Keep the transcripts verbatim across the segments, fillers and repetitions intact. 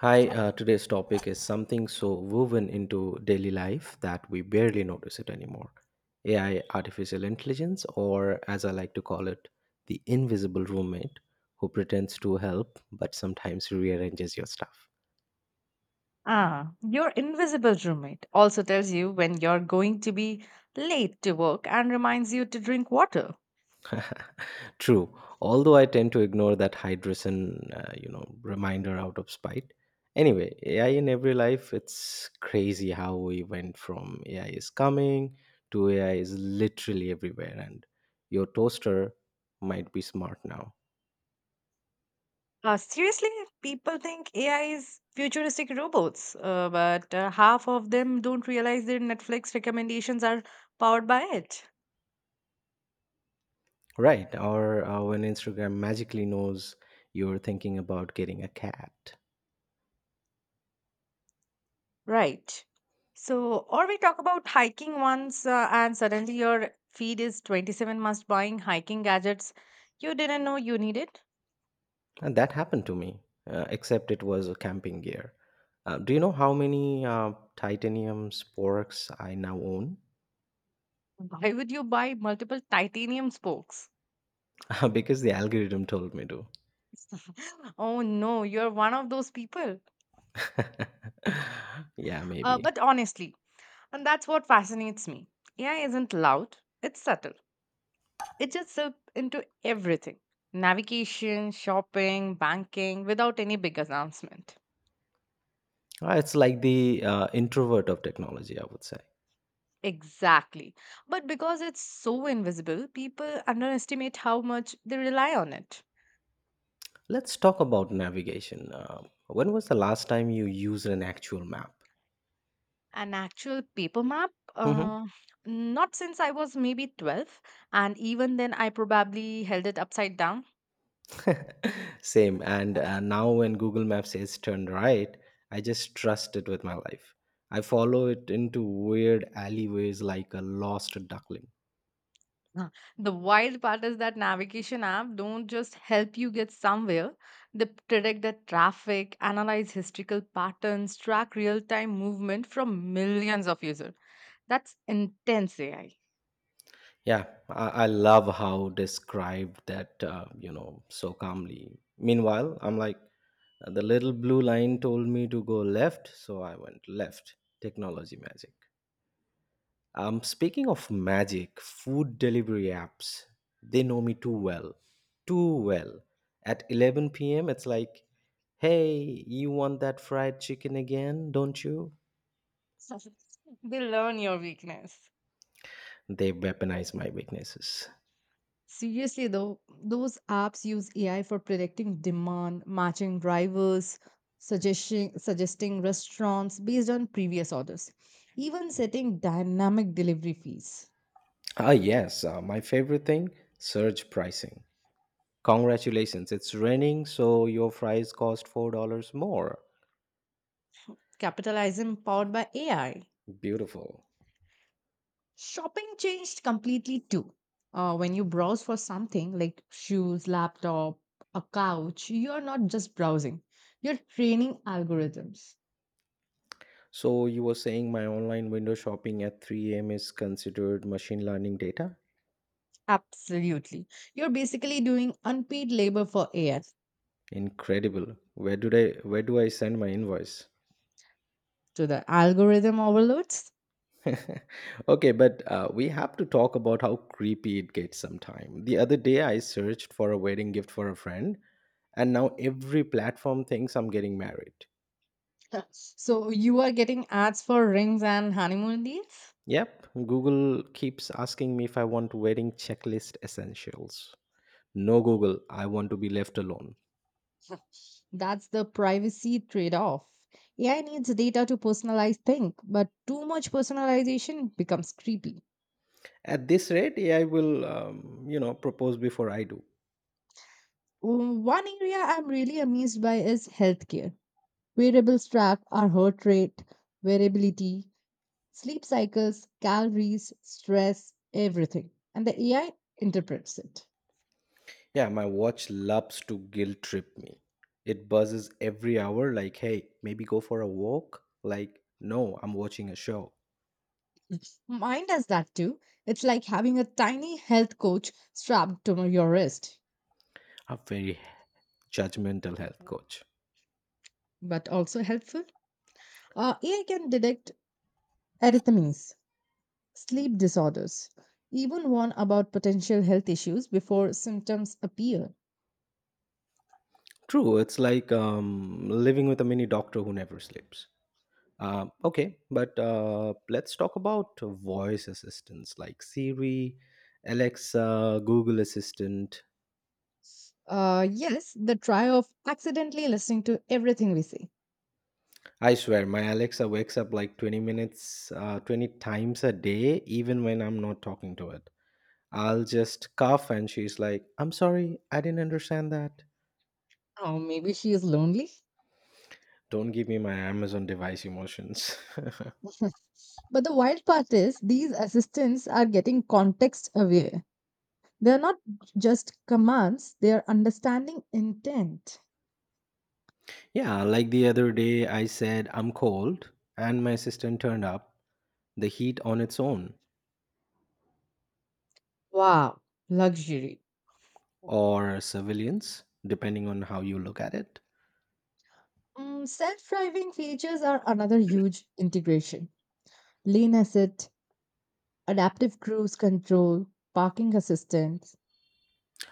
Hi, uh, today's topic is something so woven into daily life that we barely notice it anymore. A I, artificial intelligence, or as I like to call it, the invisible roommate who pretends to help but sometimes rearranges your stuff. Ah, your invisible roommate also tells you when you're going to be late to work and reminds you to drink water. True, although I tend to ignore that hydration, uh, you know, reminder out of spite. Anyway, A I in every life, it's crazy how we went from A I is coming to A I is literally everywhere, and your toaster might be smart now, Uh, seriously, people think A I is futuristic robots, uh, but uh, half of them don't realize their Netflix recommendations are powered by it. right? Or uh, when Instagram magically knows you're thinking about getting a cat. Right. So, or we talk about hiking once, uh, and suddenly your feed is twenty-seven must buying hiking gadgets you didn't know you needed. And that happened to me, uh, except it was a camping gear. Uh, do you know how many uh, titanium sporks I now own? Why would you buy multiple titanium spokes? Because the algorithm told me to. Oh no, you're one of those people. Yeah, Uh, maybe. but honestly, and that's what fascinates me. A I isn't loud, it's subtle. It just slips into everything navigation, shopping, banking without any big announcement. Uh, It's like the uh, introvert of technology, I would say. Exactly. But because it's so invisible, people underestimate how much they rely on it. Let's talk about navigation. Uh, when was the last time you used an actual map? An actual paper map? Mm-hmm. Uh, Not since I was maybe twelve, and even then I probably held it upside down. Same. And uh, now when Google Maps says turn right, I just trust it with my life. I follow it into weird alleyways like a lost duckling. Uh, The wild part is that navigation app don't just help you get somewhere. They predict the traffic, analyze historical patterns, track real-time movement from millions of users. That's intense A I. Yeah, I, I love how described that, uh, you know, so calmly. Meanwhile, I'm like, the little blue line told me to go left, so I went left. Technology magic. Um, speaking of magic, food delivery apps, they know me too well. Too well. At eleven p m, it's like, hey, you want that fried chicken again, don't you? They learn your weakness. They weaponize my weaknesses. Seriously, though, those apps use A I for predicting demand, matching drivers, suggesting suggesting restaurants based on previous orders, even setting dynamic delivery fees. Ah, yes, uh, my favorite thing, surge pricing. Congratulations, it's raining, so your fries cost four dollars more. Capitalism powered by A I. Beautiful. Shopping changed completely too. Uh, when you browse for something like shoes, laptop, a couch, you're not just browsing, you're training algorithms. So, you were saying my online window shopping at three a m is considered machine learning data? Absolutely. You're basically doing unpaid labor for A I. Incredible. Where do I where do I send my invoice? To the algorithm overloads. Okay, but uh, we have to talk about how creepy it gets sometime. The other day I searched for a wedding gift for a friend and now every platform thinks I'm getting married. So you are getting ads for rings and honeymoon deals. Yep, Google keeps asking me if I want wedding checklist essentials. No Google, I want to be left alone. That's the privacy trade off. A I needs data to personalize things, but too much personalization becomes creepy. At this rate, A I will um, you know propose before I do. One area I'm really amazed by is healthcare. Wearables track our heart rate, variability, sleep cycles, calories, stress, everything. And the A I interprets it. Yeah, my watch loves to guilt trip me. It buzzes every hour, like, hey, maybe go for a walk. Like, no, I'm watching a show. Mine does that too. It's like having a tiny health coach strapped to your wrist, A very judgmental health coach. but also helpful. Uh, A I can detect arrhythmias, sleep disorders. Even warn about potential health issues before symptoms appear. True, it's like um, living with a mini doctor who never sleeps. Um, okay, but uh, let's talk about voice assistants like Siri, Alexa, Google Assistant. Uh, yes, the try of accidentally listening to everything we say. I swear, my Alexa wakes up like twenty minutes, uh, twenty times a day, even when I'm not talking to it. I'll just cough and she's like, I'm sorry, I didn't understand that. Oh, maybe she is lonely. Don't give me my Amazon device emotions. But the wild part is these assistants are getting context aware. They are not just commands, they are understanding intent. Yeah, like the other day, I said, I'm cold, and my assistant turned up the heat on its own, Wow, luxury. or surveillance, depending on how you look at it. Mm, self-driving features are another huge integration. Lane assist, adaptive cruise control, parking assistance.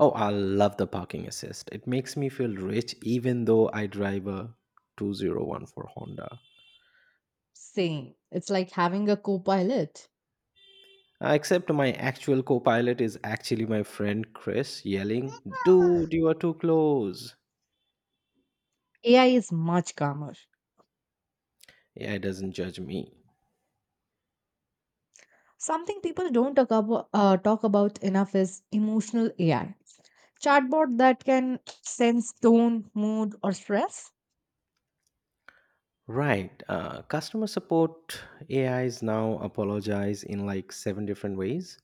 Oh, I love the parking assist. It makes me feel rich, even though I drive a two thousand fourteen Honda. Same. It's like having a co-pilot. Uh, Except my actual co pilot is actually my friend Chris yelling, dude, you are too close. A I is much calmer. A I doesn't judge me. Something people don't talk about, uh, talk about enough is emotional A I. Chatbot that can sense tone, mood, or stress. Right. Uh, customer support A is now apologize in like seven different ways.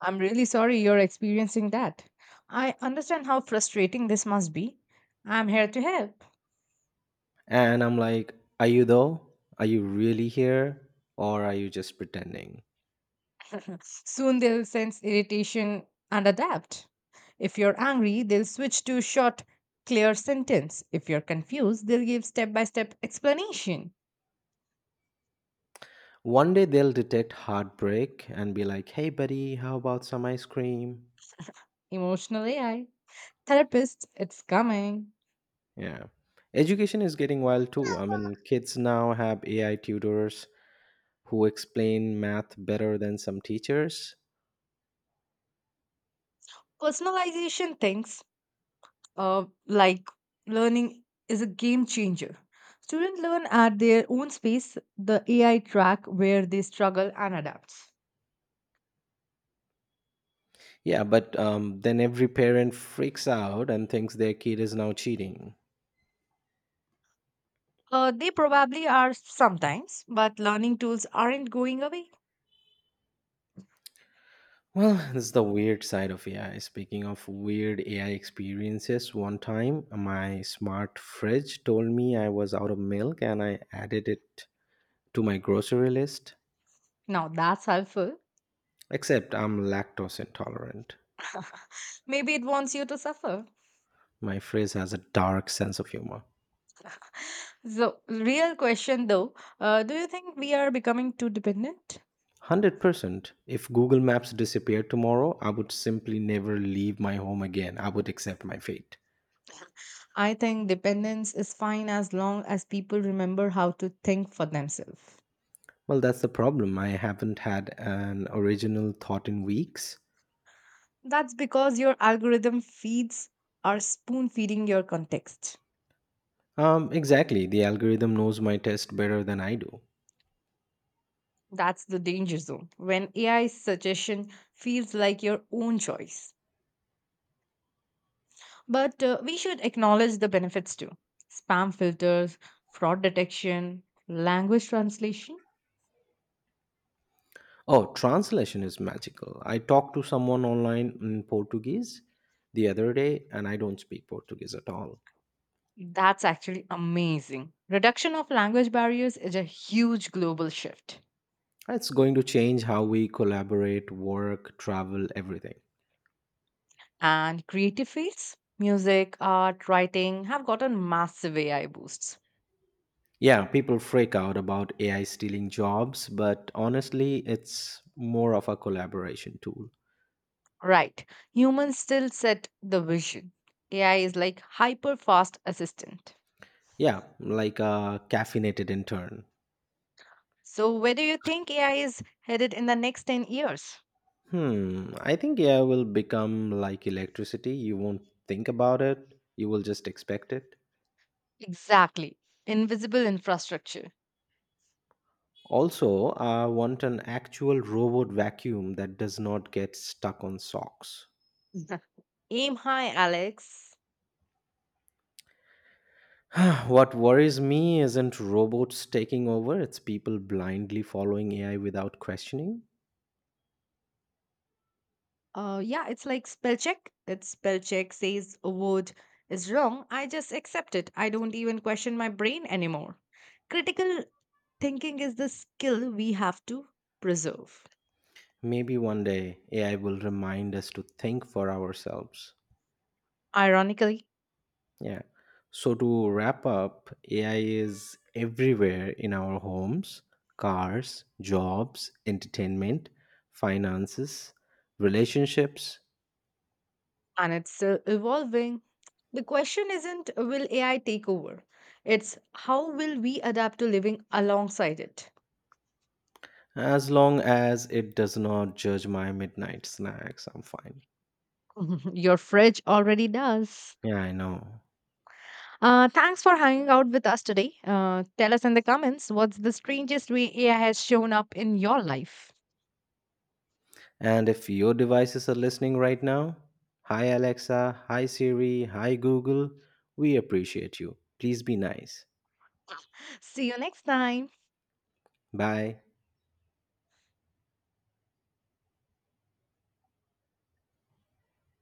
I'm really sorry you're experiencing that. I understand how frustrating this must be. I'm here to help. And I'm like, are you though? Are you really here? Or are you just pretending? Soon they'll sense irritation and adapt. If you're angry, they'll switch to short, clear sentence. If you're confused, they'll give step by step explanation. One day they'll detect heartbreak and be like, hey, buddy, how about some ice cream? Emotional A I. Therapist, it's coming. Yeah. Education is getting wild too. I mean, kids now have A I tutors who explain math better than some teachers. Personalization things uh, like learning is a game changer. Students learn at their own space, the A I track where they struggle and adapt. Yeah, but um, then every parent freaks out and thinks their kid is now cheating. Uh, they probably are sometimes, but learning tools aren't going away. Well, this is the weird side of A I. Speaking of weird A I experiences, one time my smart fridge told me I was out of milk and I added it to my grocery list. Now that's helpful. Except I'm lactose intolerant. Maybe it wants you to suffer. My fridge has a dark sense of humor. So, real question though, uh, do you think we are becoming too dependent? one hundred percent. If Google Maps disappeared tomorrow, I would simply never leave my home again. I would accept my fate. I think dependence is fine as long as people remember how to think for themselves. Well, that's the problem. I haven't had an original thought in weeks. That's because your algorithm feeds are spoon feeding your context. Um, exactly. The algorithm knows my test better than I do. That's the danger zone when A I suggestion feels like your own choice. But uh, we should acknowledge the benefits too spam filters, fraud detection, language translation. Oh, translation is magical. I talked to someone online in Portuguese the other day, and I don't speak Portuguese at all. That's actually amazing. Reduction of language barriers is a huge global shift. It's going to change how we collaborate, work, travel, everything. And creative fields, music, art, writing have gotten massive A I boosts. Yeah, people freak out about A I stealing jobs, but honestly, it's more of a collaboration tool. Right. Humans still set the vision. A I is like hyper fast assistant. Yeah, like a caffeinated intern. So where do you think A I is headed in the next ten years? Hmm, I think A I will become like electricity. You won't think about it, you will just expect it. Exactly. Invisible infrastructure. Also, I want an actual robot vacuum that does not get stuck on socks. Aim high, Alex. What worries me isn't robots taking over, it's people blindly following A I without questioning. Uh yeah, it's like spell check. It's spell check says a word is wrong. I just accept it. I don't even question my brain anymore. Critical thinking is the skill we have to preserve. Maybe one day A I will remind us to think for ourselves. Ironically, Yeah. So to wrap up, A I is everywhere in our homes, cars, jobs, entertainment, finances, relationships. and it's still evolving. The question isn't uh, will A I take over, it's how will we adapt to living alongside it? As long as it does not judge my midnight snacks, I'm fine. Your fridge already does. Yeah, I know. Uh, thanks for hanging out with us today. Uh, tell us in the comments what's the strangest way A I has shown up in your life. And if your devices are listening right now, hi Alexa, hi Siri, hi Google, we appreciate you. Please be nice. See you next time. Bye.